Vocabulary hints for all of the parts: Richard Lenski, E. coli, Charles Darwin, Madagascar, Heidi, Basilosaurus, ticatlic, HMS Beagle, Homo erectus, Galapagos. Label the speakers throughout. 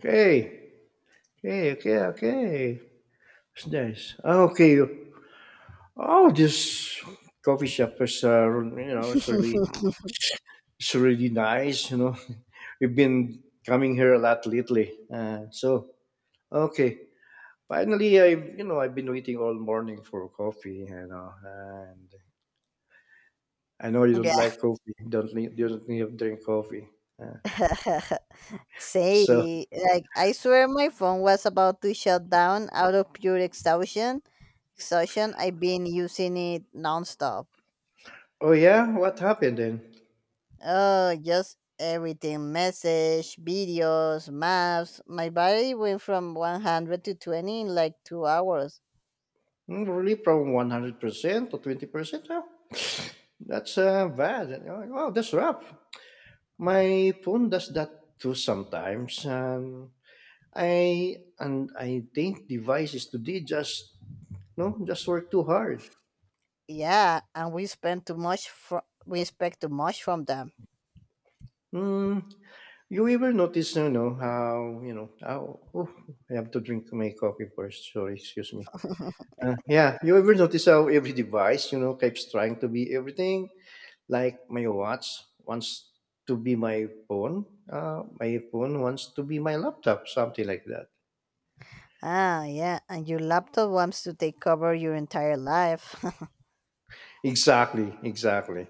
Speaker 1: Okay, okay. It's nice. Okay. Oh, this coffee shop is, you know, it's really, it's really nice. We've been coming here a lot lately. Okay. Finally, I've been waiting all morning for coffee. And I know you don't
Speaker 2: Yeah.
Speaker 1: like coffee. Don't need, You don't need to drink coffee.
Speaker 2: Say,
Speaker 1: So,
Speaker 2: like, I swear my phone was about to shut down out of pure exhaustion. Exhaustion, I've been using it nonstop.
Speaker 1: oh yeah, what happened then?
Speaker 2: Oh, just everything message, videos, maps. My battery went from 100 to 20 in like 2 hours.
Speaker 1: Hmm, really, from 100% to 20%? Huh? That's bad. Wow, that's rough. My phone does that too sometimes, and I think devices today just no just work too hard.
Speaker 2: Yeah, and we spent too much we expect too much from them.
Speaker 1: Mm, you ever notice you know how? Oh, I have to drink my coffee first. Sorry, excuse me. Yeah, you ever notice how every device, keeps trying to be everything? Like my watch wants to be my phone wants to be my laptop, something like that.
Speaker 2: Ah, yeah, and your laptop wants to take over your entire life.
Speaker 1: Exactly, exactly.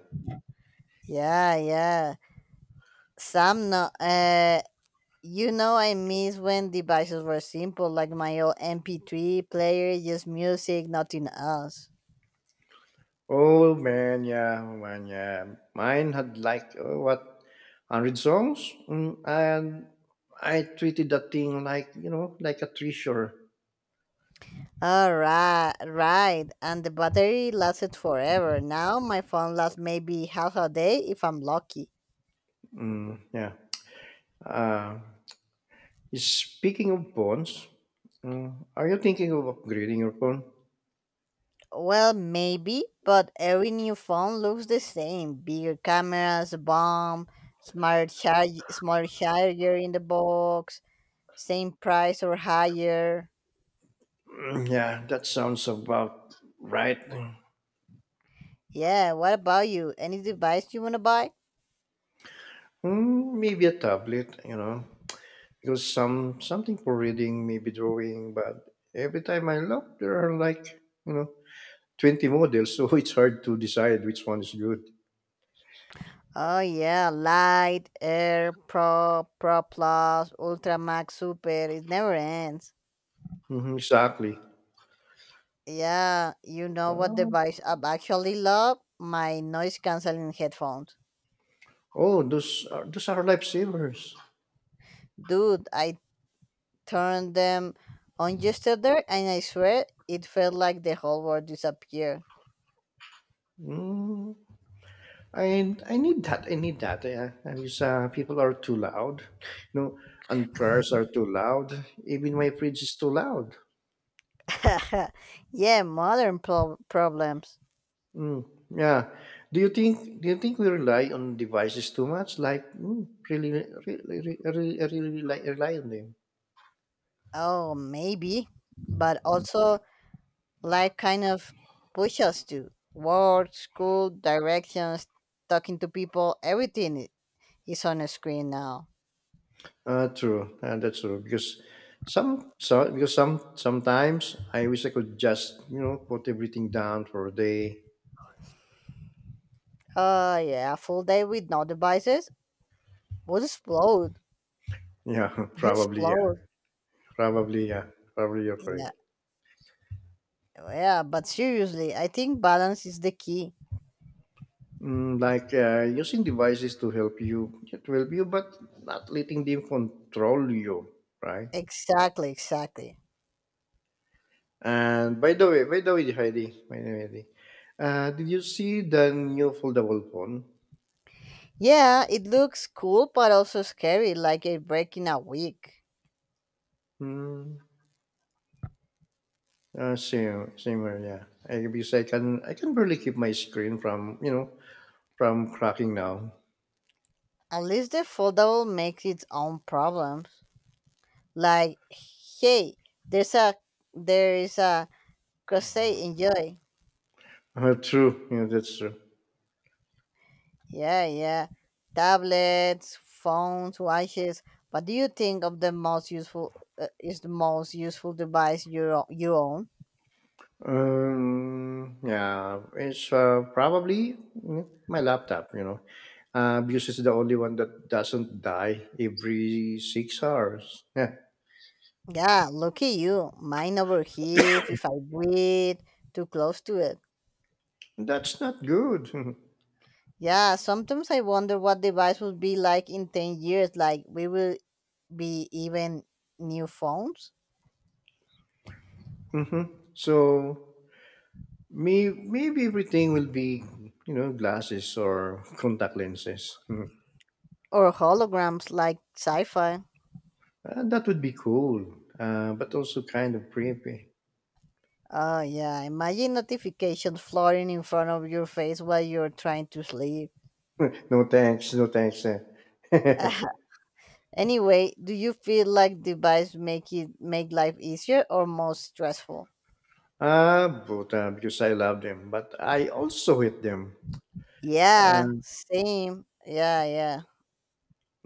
Speaker 2: Yeah. Sam, no, you know, I miss when devices were simple, like my old MP3 player, just music, nothing else.
Speaker 1: Oh man, yeah, oh, man, yeah. Mine had like oh, what, 100 songs, and I treated that thing like like a treasure.
Speaker 2: All right, right. And the battery lasted forever. Now my phone lasts maybe half a day if I'm lucky.
Speaker 1: Mm, yeah. Uh, Speaking of phones, mm, are you thinking of upgrading your phone?
Speaker 2: Well, maybe, but every new phone looks the same. Bigger cameras, bomb, smart charge, smart charger in the box, same price or higher.
Speaker 1: Mm, yeah, that sounds about right.
Speaker 2: Yeah, what about you? Any device you want to buy?
Speaker 1: Mm, maybe a tablet, you know. Because something for reading, maybe drawing, but every time I look, there are like you know 20 models, so it's hard to decide which one is good.
Speaker 2: Oh yeah, light, air, pro, pro plus, ultra max, super. It never ends.
Speaker 1: Mhm, exactly.
Speaker 2: Yeah, you know what
Speaker 1: Oh,
Speaker 2: device I actually love? My noise canceling headphones.
Speaker 1: oh, those are lifesavers.
Speaker 2: Dude, I turned them on yesterday, and I swear it felt like the whole world disappeared.
Speaker 1: Mm, I need that. I need that. Yeah, because people are too loud, you know, and cars are too loud. Even my fridge is too loud.
Speaker 2: yeah, modern problems.
Speaker 1: Mm, yeah. Do you think we rely on devices too much? Like really rely on them.
Speaker 2: Oh, maybe, but also life kind of pushes us to work, school, directions, talking to people, everything is on a screen now.
Speaker 1: Uh, true. That's true. Because sometimes I wish I could just put everything down for a day.
Speaker 2: Uh, yeah, a full day with no devices would explode.
Speaker 1: Yeah,
Speaker 2: You
Speaker 1: probably. Yeah,
Speaker 2: explode.
Speaker 1: probably. Yeah, probably. You're correct.
Speaker 2: Yeah. Yeah, but seriously, I think balance is the key.
Speaker 1: Mm, like using devices to help you, it will help you, but not letting them control you, right?
Speaker 2: Exactly, exactly.
Speaker 1: And by the way, Heidi, By the way, Heidi, did you see the new foldable phone?
Speaker 2: Yeah, it looks cool but also scary, like a break in a week.
Speaker 1: Hmm. Uh, same here, yeah. Because I can barely keep my screen from, you know, from cracking now.
Speaker 2: At least the foldable makes its own problems. Like, hey, there's a there is a crochet enjoy
Speaker 1: True, yeah, that's true.
Speaker 2: yeah, yeah, tablets, phones, watches, what do you think of the most useful is the most useful device you own?
Speaker 1: Yeah, it's probably my laptop, you know, because it's the only one that doesn't die every 6 hours. Yeah,
Speaker 2: Yeah, lucky you. Mine over here, if I breathe too close to it.
Speaker 1: that's not good.
Speaker 2: Yeah, sometimes I wonder what device will be like in 10 years. Like, we will be even new phones
Speaker 1: hmm. So maybe everything will be, you know, glasses or contact lenses. Hmm.
Speaker 2: or holograms like sci-fi.
Speaker 1: That would be cool, but also kind of creepy.
Speaker 2: Oh yeah, imagine notifications floating in front of your face while you're trying to sleep.
Speaker 1: No thanks, no thanks. Eh.
Speaker 2: Anyway, do you feel like device make life easier or more stressful?
Speaker 1: Ah, but because I love them, but I also hate them.
Speaker 2: Yeah,
Speaker 1: Um,
Speaker 2: same. Yeah, yeah.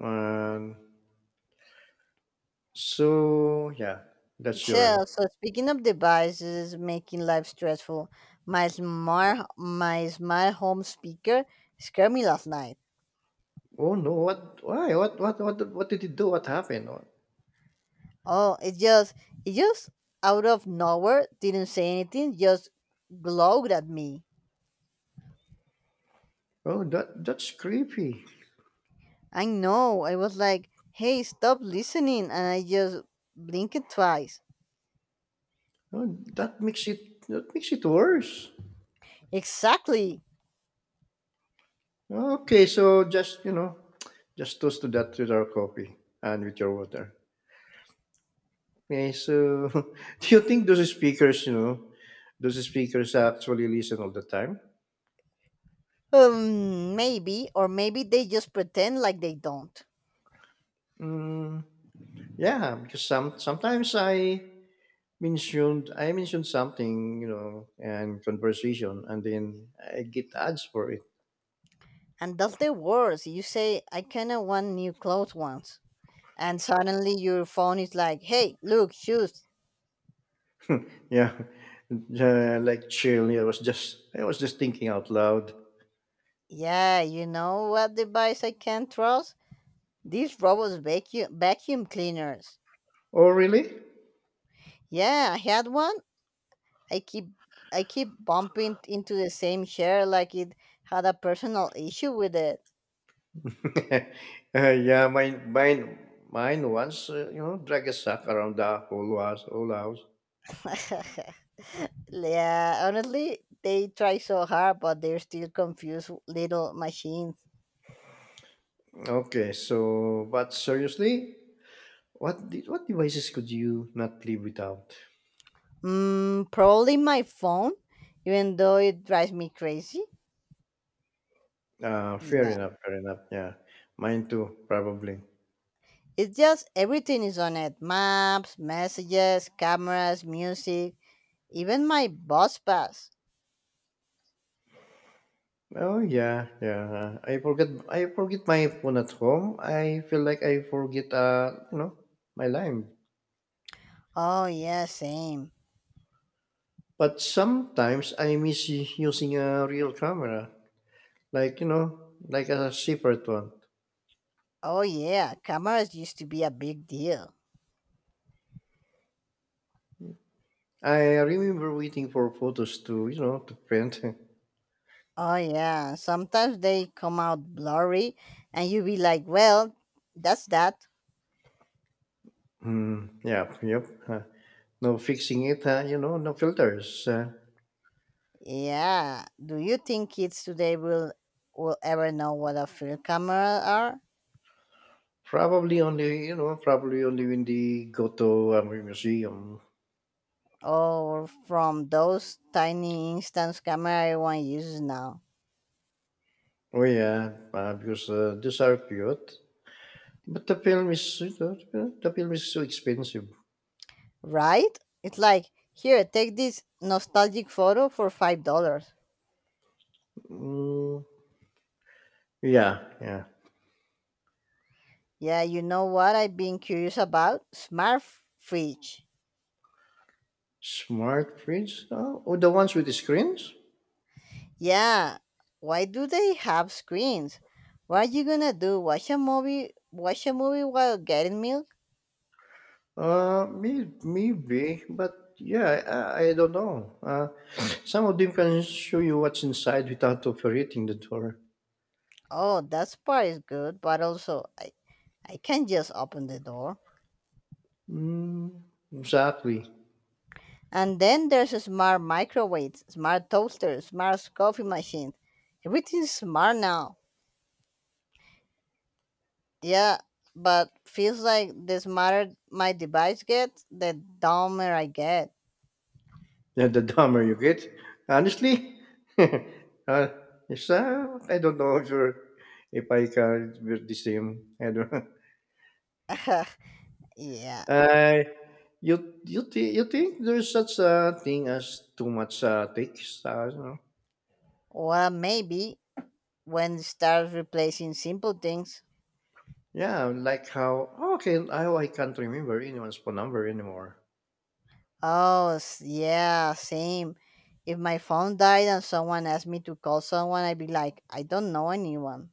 Speaker 1: um, so yeah, that's
Speaker 2: Sure.
Speaker 1: your.
Speaker 2: So, speaking of devices making life stressful, my smart home speaker scared me last night.
Speaker 1: Oh no! What? Why? What? What? What? What did you do? What happened? Oh,
Speaker 2: Oh, it just out of nowhere didn't say anything, just glowed at me.
Speaker 1: oh, that's creepy.
Speaker 2: I know. I was like, hey, stop listening. And I just blinked twice.
Speaker 1: Oh, that makes it worse.
Speaker 2: Exactly.
Speaker 1: Okay, so just toast to that with our coffee and with your water. Okay, so do you think those speakers, those speakers actually listen all the time?
Speaker 2: Maybe, or maybe they just pretend like they don't.
Speaker 1: Mm, yeah, because sometimes I mentioned something, you know, and conversation, and then I get ads for it.
Speaker 2: And that's the worst. You say, I kind of want new clothes once. And suddenly your phone is like, hey, look, shoes.
Speaker 1: Yeah, like chill. I was just thinking out loud.
Speaker 2: Yeah, you know what device I can't trust? These robots vacuum, vacuum cleaners.
Speaker 1: Oh, really?
Speaker 2: Yeah, I had one, I keep I keep bumping into the same chair like it had a personal issue with it.
Speaker 1: Yeah, mine once, you know, drag a sack around the whole house, whole house.
Speaker 2: Yeah, honestly, they try so hard, but they're still confused little machines.
Speaker 1: Okay, so, but seriously, what devices could you not live without?
Speaker 2: Mm, probably my phone, even though it drives me crazy.
Speaker 1: Fair
Speaker 2: Yeah,
Speaker 1: enough, fair enough. Yeah, mine too, probably.
Speaker 2: it's just everything is on it: maps, messages, cameras, music, even my bus pass.
Speaker 1: Oh yeah, yeah. Uh, I forget my phone at home. I feel like I forget, you know, my life.
Speaker 2: Oh yeah, same.
Speaker 1: But sometimes I miss using a real camera, like like a separate one.
Speaker 2: Oh yeah, cameras used to be a big deal.
Speaker 1: I remember waiting for photos to, you know, to print.
Speaker 2: Oh yeah, sometimes they come out blurry and you be like, "Well, that's that."
Speaker 1: Hmm. Yeah, yep. No fixing it, you know, no filters. Uh,
Speaker 2: Yeah. Do you think kids today will ever know what a film camera are,
Speaker 1: probably only, you know, probably only when they go to a museum.
Speaker 2: or from those tiny instant camera everyone uses now?
Speaker 1: Oh yeah, because these are cute. But the film is so expensive.
Speaker 2: Right? It's like, "Here, take this nostalgic photo for $5."
Speaker 1: Mm, yeah, yeah.
Speaker 2: Yeah, you know what I've been curious about? Smart fridge.
Speaker 1: Smart prints? Oh, oh, the ones with the screens?
Speaker 2: Yeah, why do they have screens? What are you gonna do? Watch a movie? Watch a movie while getting milk?
Speaker 1: Maybe, but yeah, I don't know. Some of them can show you what's inside without operating the door.
Speaker 2: Oh, that part is good, but also I can just open the door.
Speaker 1: Mm, exactly.
Speaker 2: And then there's a smart microwaves, smart toasters, smart coffee machines. Everything's smart now. Yeah, but feels like the smarter my device gets, the dumber I get.
Speaker 1: Yeah, the dumber you get, honestly. uh, I don't know if you're, if I can be the same. I don't know.
Speaker 2: Yeah.
Speaker 1: Uh, you think there's such a thing as too much takes? You know?
Speaker 2: Well, maybe when it starts replacing simple things.
Speaker 1: Yeah, like how how I can't remember anyone's phone number anymore.
Speaker 2: Oh, yeah, same. If my phone died and someone asked me to call someone, I'd be like, I don't know anyone.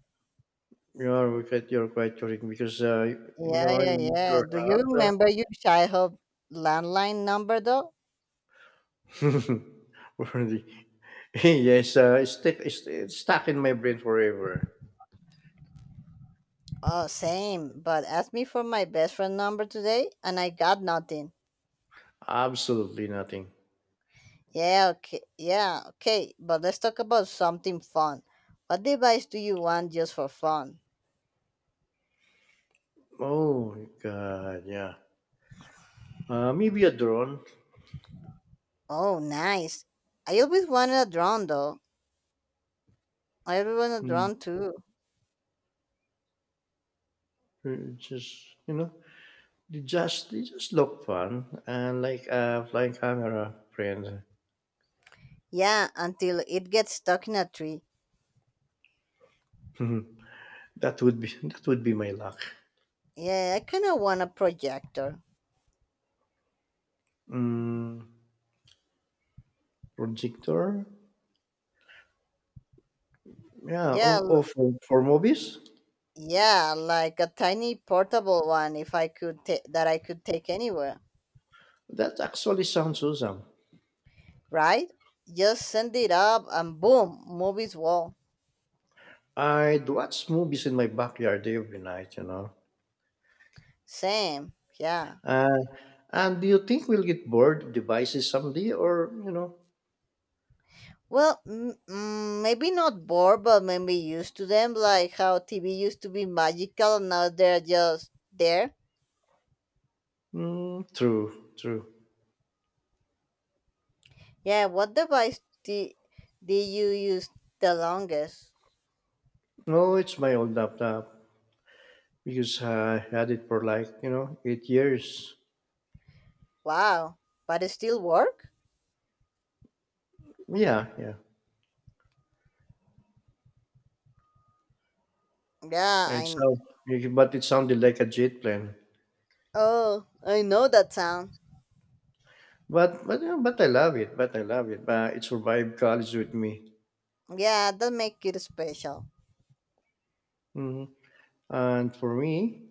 Speaker 1: You're quite correct because
Speaker 2: Yeah,
Speaker 1: you're
Speaker 2: yeah,
Speaker 1: in
Speaker 2: yeah.
Speaker 1: your
Speaker 2: Do you
Speaker 1: house.
Speaker 2: remember your childhood landline number though?
Speaker 1: Uh, worthy. Yes, uh, it's stuck in my brain forever.
Speaker 2: Oh, same. But ask me for my best friend number today, and I got nothing.
Speaker 1: Absolutely nothing.
Speaker 2: Yeah, okay. Yeah, okay. But let's talk about something fun. What device do you want just for fun?
Speaker 1: Oh God, yeah. Maybe a drone.
Speaker 2: Oh, nice. I always wanted a drone though. I always wanted a
Speaker 1: Hmm.
Speaker 2: drone too.
Speaker 1: Just you know, they just look fun and like a flying camera friend.
Speaker 2: Yeah, until it gets stuck in a tree.
Speaker 1: That would be my luck.
Speaker 2: Yeah, I kind of want a projector.
Speaker 1: Mm, projector? Yeah,
Speaker 2: Yeah,
Speaker 1: oh, oh for, for movies?
Speaker 2: yeah, like a tiny portable one if I could that I could take anywhere,
Speaker 1: That actually sounds awesome.
Speaker 2: right? Just send it up and boom, movies wall.
Speaker 1: I'd watch movies in my backyard every night, you know.
Speaker 2: Same, yeah.
Speaker 1: Uh, and do you think we'll get bored of devices someday or, you know?
Speaker 2: Well, maybe not bored, but maybe used to them, like how TV used to be magical and now they're just there.
Speaker 1: Mm, true, true.
Speaker 2: Yeah, what device did you use the longest?
Speaker 1: No, it's my old laptop because I had it for like, you know, 8 years.
Speaker 2: Wow, but it still work?
Speaker 1: Yeah, yeah.
Speaker 2: Yeah,
Speaker 1: It's so, but it sounded like a jet plane.
Speaker 2: oh, I know that sound.
Speaker 1: But yeah, but I love it. But I love it. But it survived college with me.
Speaker 2: Yeah, that make it special.
Speaker 1: Hmm. And for me,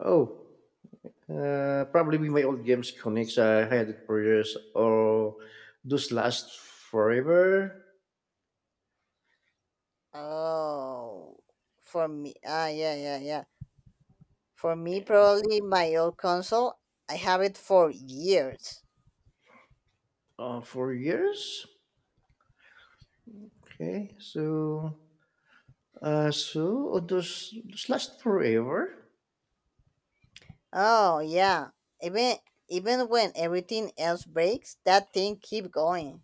Speaker 1: oh, probably be my old games connects. I had it for years, or those last forever,
Speaker 2: Oh, for me, ah, yeah, yeah, yeah. For me, probably my old console. I have it for years.
Speaker 1: for years. Okay, so those last forever.
Speaker 2: Oh yeah, even even when everything else breaks, that thing keep going.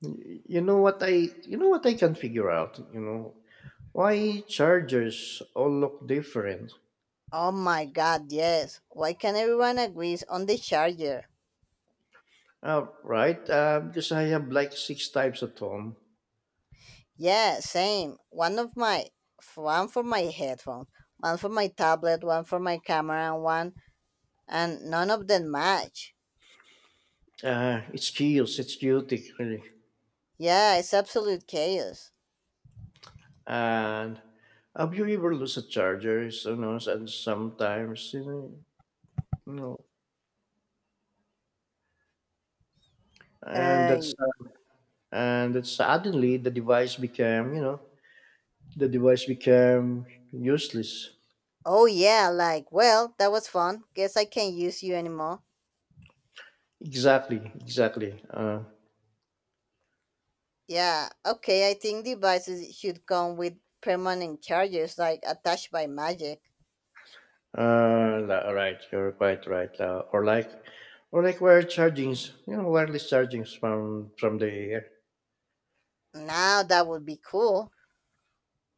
Speaker 1: You know what I can figure out. You know why chargers all look different.
Speaker 2: Oh my God, yes. Why can everyone agrees on the charger?
Speaker 1: Uh, right, because I have like 6 types at home.
Speaker 2: Yeah, same. One of my one for my headphones, one for my tablet, one for my camera, and one and none of them match.
Speaker 1: It's chaos. It's chaotic, really.
Speaker 2: Yeah, it's absolute chaos.
Speaker 1: And have you ever lose a charger? So, you know, and sometimes you know, and that's
Speaker 2: Uh,
Speaker 1: and that suddenly the device became useless.
Speaker 2: oh yeah, like, well, that was fun. Guess I can't use you anymore.
Speaker 1: Exactly, exactly. Uh,
Speaker 2: Yeah, okay, I think devices should come with permanent chargers like attached by magic.
Speaker 1: uh, li- right. You're quite right. Uh, or like wire chargings. You know, wireless chargings from the air.
Speaker 2: Now that would be cool.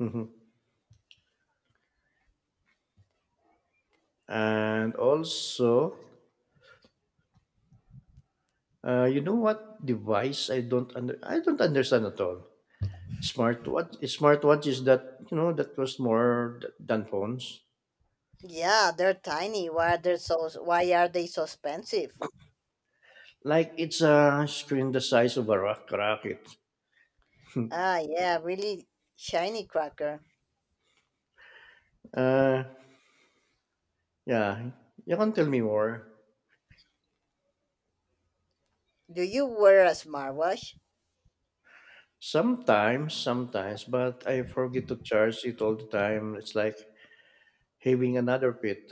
Speaker 1: Mhm. And also, you know what device I don't understand at all. Smartwatches that that cost more than phones.
Speaker 2: Yeah, they're tiny. Why are they so expensive?
Speaker 1: Like it's a screen the size of a rocket.
Speaker 2: Ah, yeah, really shiny cracker.
Speaker 1: Uh, yeah, you can tell me more.
Speaker 2: Do you wear a smartwatch?
Speaker 1: Sometimes, sometimes, but I forget to charge it all the time. It's like having another pit.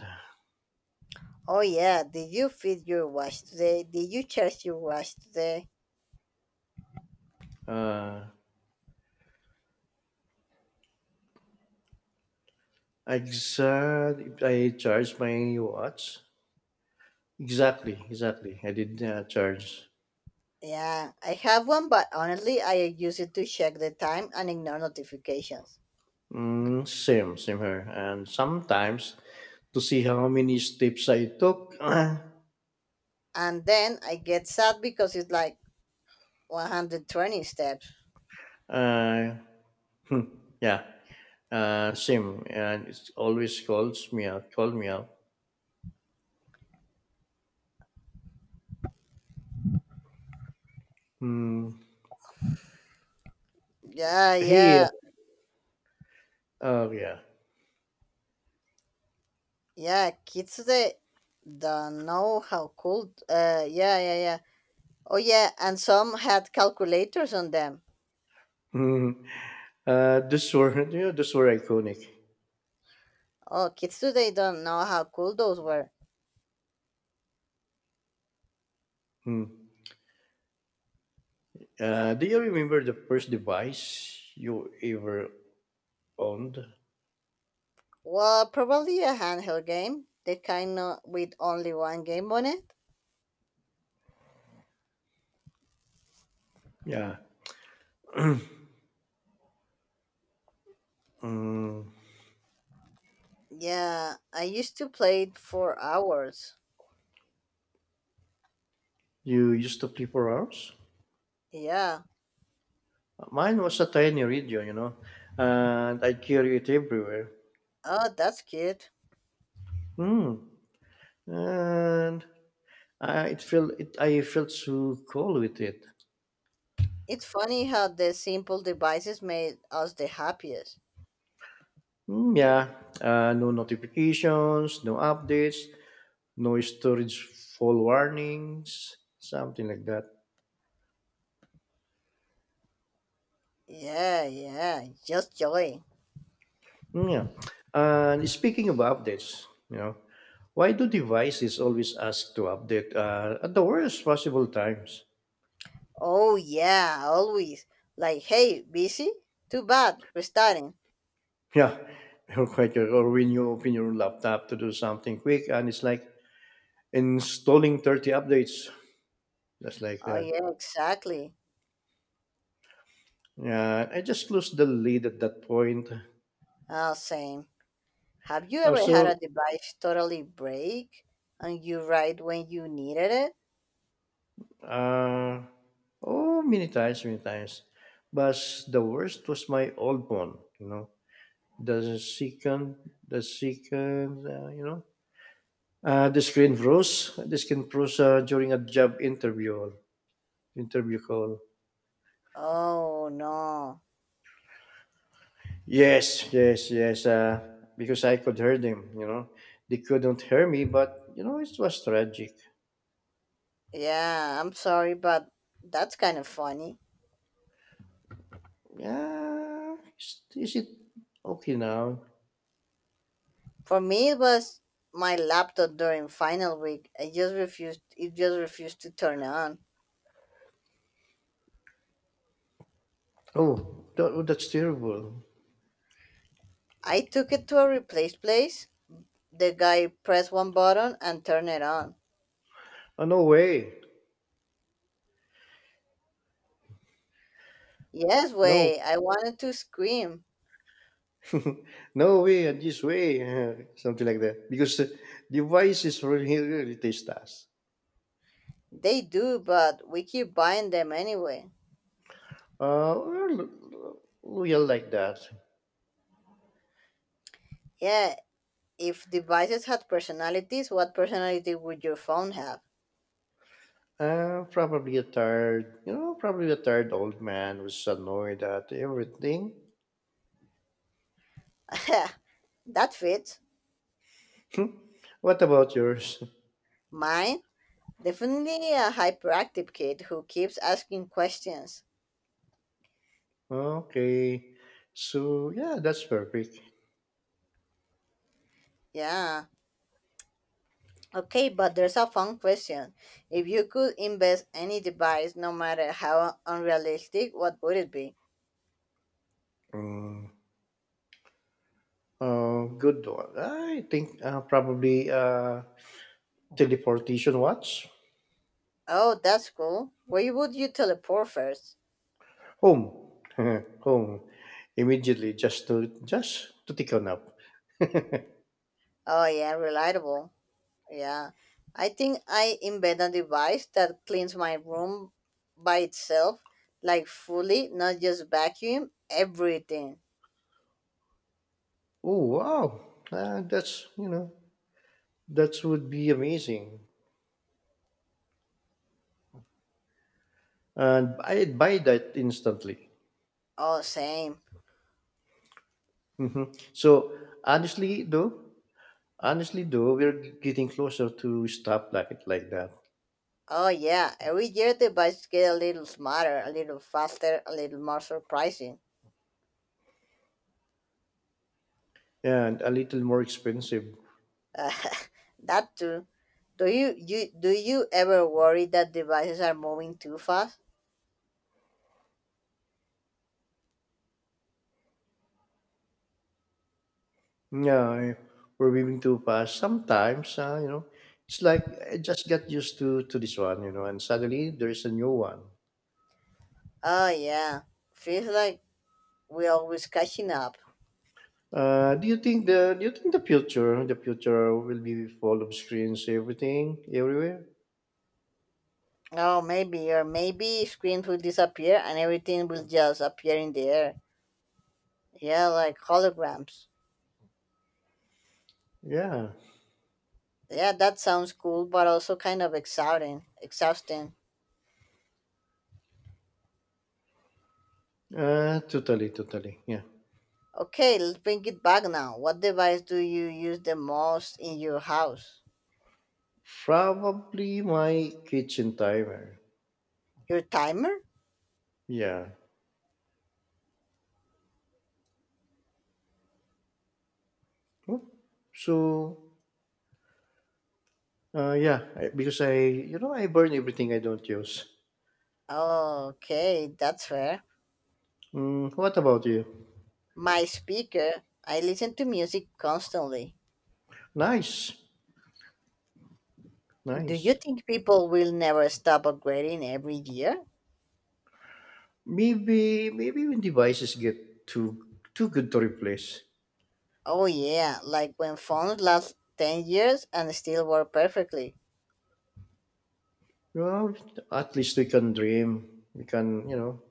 Speaker 2: Oh, yeah. Did you feed your watch today? Did you charge your watch today?
Speaker 1: Uh, exact. I charge my watch. Exactly, exactly. I did charge.
Speaker 2: Yeah, I have one, but honestly, I use it to check the time and ignore notifications.
Speaker 1: Mm, same, same here. And sometimes to see how many steps I took.
Speaker 2: And then I get sad because it's like 120 steps.
Speaker 1: Uh, yeah, same. And it always call me out. Hmm.
Speaker 2: Yeah,
Speaker 1: Hey,
Speaker 2: yeah,
Speaker 1: oh yeah.
Speaker 2: yeah. Kids today don't know how cool. Yeah, yeah, yeah. Oh, yeah, and some had calculators on them.
Speaker 1: Hmm. Uh, you know, this were iconic.
Speaker 2: Oh, kids today don't know how cool those were.
Speaker 1: Hmm. Do you remember the first device you ever owned?
Speaker 2: Well, probably a handheld game, the kind of with only one game on it.
Speaker 1: Yeah. Mm,
Speaker 2: Yeah, I used to play it for hours.
Speaker 1: you used to play for hours?
Speaker 2: Yeah.
Speaker 1: Mine was a tiny radio, you know, and I carry it everywhere.
Speaker 2: Oh, that's cute.
Speaker 1: Mm. And uh, I felt so cool with it.
Speaker 2: It's funny how the simple devices made us the happiest.
Speaker 1: Mm, yeah, no notifications, no updates, no storage full warnings, something like that.
Speaker 2: Yeah, yeah, just joy.
Speaker 1: Mm, yeah. And speaking of updates, you know, why do devices always ask to update at the worst possible times?
Speaker 2: Oh, yeah, always. Like, hey, busy? Too bad, restarting.
Speaker 1: Yeah, or when you open your laptop to do something quick, and it's like installing 30 updates, just like
Speaker 2: Oh,
Speaker 1: that.
Speaker 2: yeah, exactly.
Speaker 1: Yeah, I just lost the lead at that point.
Speaker 2: Ah, same. Have you ever had
Speaker 1: Also,
Speaker 2: a device totally break and you right when you needed it?
Speaker 1: uh, oh, many times, many times. But the worst was my old one. You know, the second, the second, uh, The screen froze during a job interview call.
Speaker 2: Oh no.
Speaker 1: Yes, yes, yes. Because I could hear them. You know, they couldn't hear me, but you know, it was tragic.
Speaker 2: Yeah, I'm sorry, but that's kind of funny.
Speaker 1: Yeah, is it okay now?
Speaker 2: For me, it was my laptop during final week. I just refused. It just refused to turn on.
Speaker 1: Oh, that's terrible.
Speaker 2: I took it to a replace place. The guy pressed one button and turned it on.
Speaker 1: Oh, no way.
Speaker 2: Yes,
Speaker 1: No,
Speaker 2: way. I wanted to scream.
Speaker 1: no way, and this way, something like that. Because the devices really, really taste us.
Speaker 2: They do, but we keep buying them anyway.
Speaker 1: Well, we are like that.
Speaker 2: Yeah, if devices had personalities, what personality would your phone have?
Speaker 1: Uh, probably a tired old man who's annoyed at everything.
Speaker 2: That fits.
Speaker 1: What about yours?
Speaker 2: Mine? Definitely a hyperactive kid who keeps asking questions.
Speaker 1: okay, so yeah, that's perfect.
Speaker 2: Yeah. Okay, but there's a fun question. If you could invest any device, no matter how unrealistic, what would it be?
Speaker 1: Mm, good one. I think probably teleportation watch.
Speaker 2: Oh, that's cool. Where would you teleport first?
Speaker 1: Home. Home. Immediately just to take a nap.
Speaker 2: Oh, yeah, reliable. Yeah, I think I embed a device that cleans my room by itself, like fully, not just vacuum, everything.
Speaker 1: Oh wow. That's you know That would be amazing. And I'd buy that instantly.
Speaker 2: Oh, same.
Speaker 1: Hmm. So honestly though, honestly though, we're getting closer to stop like that.
Speaker 2: Oh, yeah, every year the device get a little smarter, a little faster, a little more surprising.
Speaker 1: And a little more expensive.
Speaker 2: Uh, that too. Do you ever worry that devices are moving too fast?
Speaker 1: Yeah, I- we're willing to pass sometimes, you know. It's like I just got used to this one, you know, and suddenly there's a new one.
Speaker 2: Oh yeah, feels like we're always catching up.
Speaker 1: Uh, do you think the future will be full of screens everything everywhere?
Speaker 2: Oh, maybe, or maybe screens will disappear and everything will just appear in the air. Yeah, like holograms.
Speaker 1: Yeah.
Speaker 2: Yeah, that sounds cool, but also kind of exhausting. Exhausting.
Speaker 1: Totally, totally. Yeah.
Speaker 2: Okay, let's bring it back now. What device do you use the most in your house?
Speaker 1: Probably my kitchen timer.
Speaker 2: Your timer?
Speaker 1: Yeah. Hmm. So yeah, because I you know I burn everything I don't use.
Speaker 2: Oh, okay, that's fair.
Speaker 1: Mm, what about you?
Speaker 2: My speaker. I listen to music constantly.
Speaker 1: Nice.
Speaker 2: Do you
Speaker 1: Nice.
Speaker 2: think people will never stop upgrading every year?
Speaker 1: Maybe when devices get too good to replace.
Speaker 2: Oh yeah, like when phones last 10 years and still work perfectly.
Speaker 1: Well, at least we can dream. We can, you know,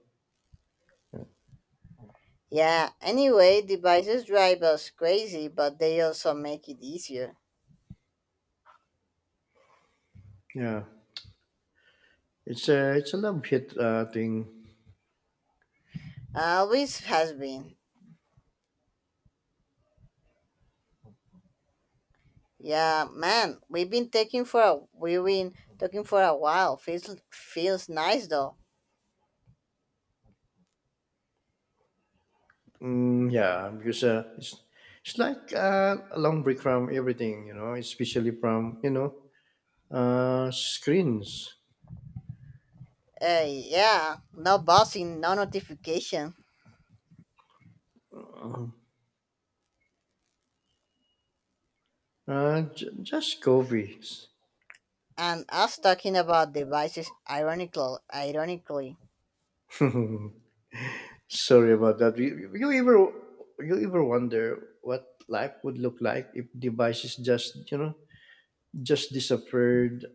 Speaker 2: Yeah, anyway, devices drive us crazy, but they also make it easier.
Speaker 1: Yeah, it's a love hate thing.
Speaker 2: Always has been. Yeah, man, we've been taking for a we've been talking for a while. Feels nice though.
Speaker 1: Mm, yeah, because it's like a long break from everything, you know, especially from screens.
Speaker 2: Yeah, no buzzing, no notification,
Speaker 1: Uh, uh, just coffees.
Speaker 2: and us talking about devices. Ironically,
Speaker 1: Sorry about that. You ever wonder what life would look like if devices just just disappeared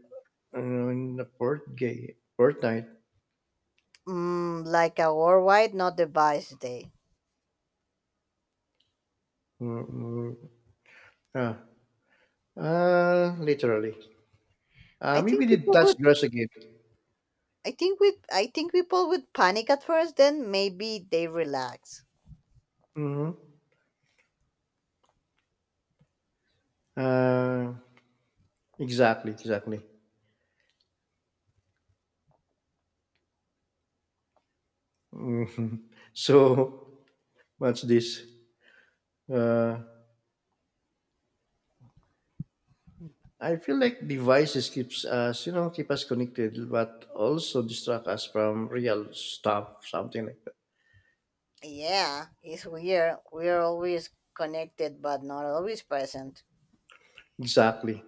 Speaker 1: in a port gay fortnight?
Speaker 2: mm, like a worldwide not device day.
Speaker 1: Mm, yeah. Literally.
Speaker 2: I
Speaker 1: Maybe
Speaker 2: think
Speaker 1: the
Speaker 2: people
Speaker 1: touch
Speaker 2: would
Speaker 1: grass again.
Speaker 2: I think people would panic at first, then maybe they relax.
Speaker 1: Mhm. Uh, exactly, exactly. Mhm. So what's this? Uh, I feel like devices keeps us, you know, keep us connected, but also distract us from real stuff, something like that.
Speaker 2: Yeah, it's weird. We're always connected but not always present.
Speaker 1: Exactly.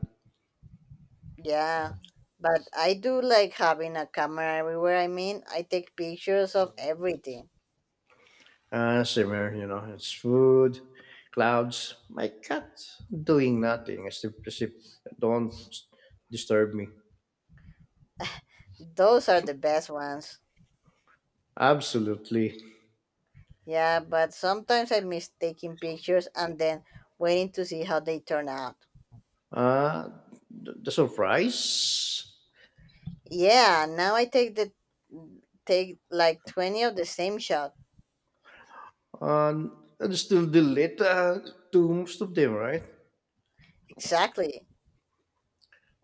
Speaker 2: Yeah. But I do like having a camera everywhere. I mean, I take pictures of everything.
Speaker 1: Similar, you know, it's food, clouds, my cat doing nothing. Sleep. Don't disturb me.
Speaker 2: Those are the best ones.
Speaker 1: Absolutely.
Speaker 2: Yeah, but sometimes I miss taking pictures and then waiting to see how they turn out.
Speaker 1: Uh, the surprise.
Speaker 2: Yeah, now I take the take like 20 of the same shot.
Speaker 1: Uh, And it's still delete to most of them, right?
Speaker 2: Exactly.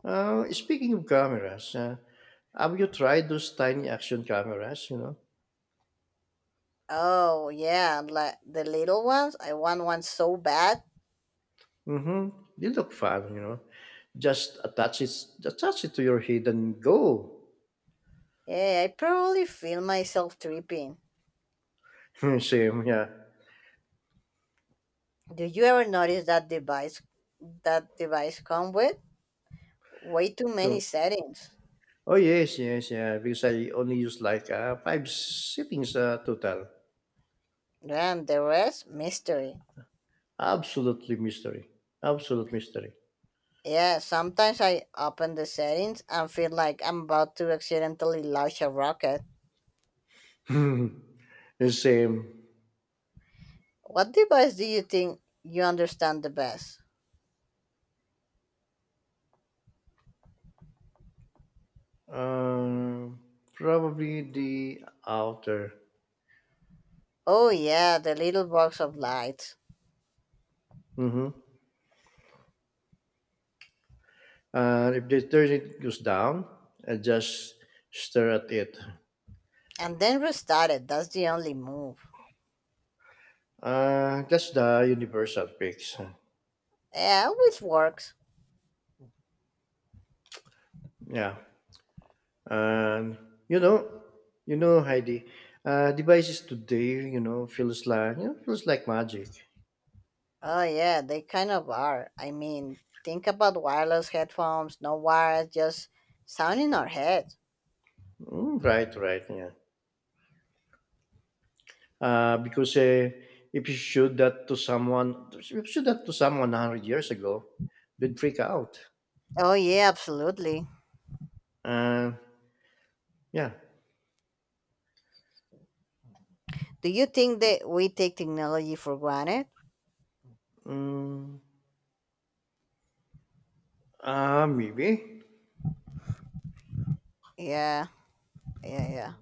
Speaker 1: Speaking of cameras, have you tried those tiny action cameras? You know,
Speaker 2: Oh yeah, like the little ones. I want one so bad.
Speaker 1: mm-hmm. They look fun. You know, just attach it, attach it to your head and go.
Speaker 2: Yeah, I probably feel myself tripping.
Speaker 1: Same, yeah.
Speaker 2: Do you ever notice that device come with way too many
Speaker 1: So,
Speaker 2: settings.
Speaker 1: oh yes, yes, yeah. Because I only use like 5 settings total.
Speaker 2: And the rest mystery.
Speaker 1: Absolutely mystery. Absolute mystery.
Speaker 2: Yeah, sometimes I open the settings and feel like I'm about to accidentally launch a rocket.
Speaker 1: The same.
Speaker 2: What device do you think you understand the best?
Speaker 1: Um, Probably the outer.
Speaker 2: Oh yeah, the little box of lights.
Speaker 1: Mm-hmm. And if the detergent goes down, I just stare at it.
Speaker 2: And then restart it. That's the only move.
Speaker 1: That's the universal fix.
Speaker 2: Yeah, always works.
Speaker 1: Yeah. And you know, you know, Heidi, devices today, feels like magic.
Speaker 2: Oh yeah, they kind of are. I mean, think about wireless headphones, no wires, just sound in our head.
Speaker 1: Mm, right, right, yeah. Because if you showed that to someone, if you showed that to someone 100 years ago, they'd freak out.
Speaker 2: Oh yeah, absolutely.
Speaker 1: Uh, yeah.
Speaker 2: Do you think that we take technology for granted?
Speaker 1: Mm, maybe.
Speaker 2: Yeah, yeah, yeah.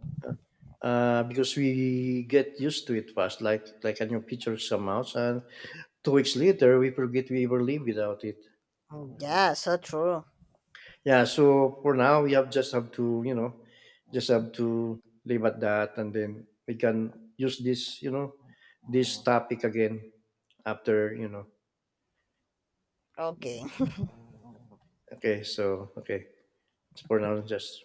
Speaker 1: Because we get used to it fast, like a new feature somehow, and 2 weeks later we forget we ever live without it.
Speaker 2: Yeah, so true.
Speaker 1: Yeah, so for now we have just have to, you know, just have to live at that, and then we can use this, you know, this topic again after, you know.
Speaker 2: Okay.
Speaker 1: Okay, so for now just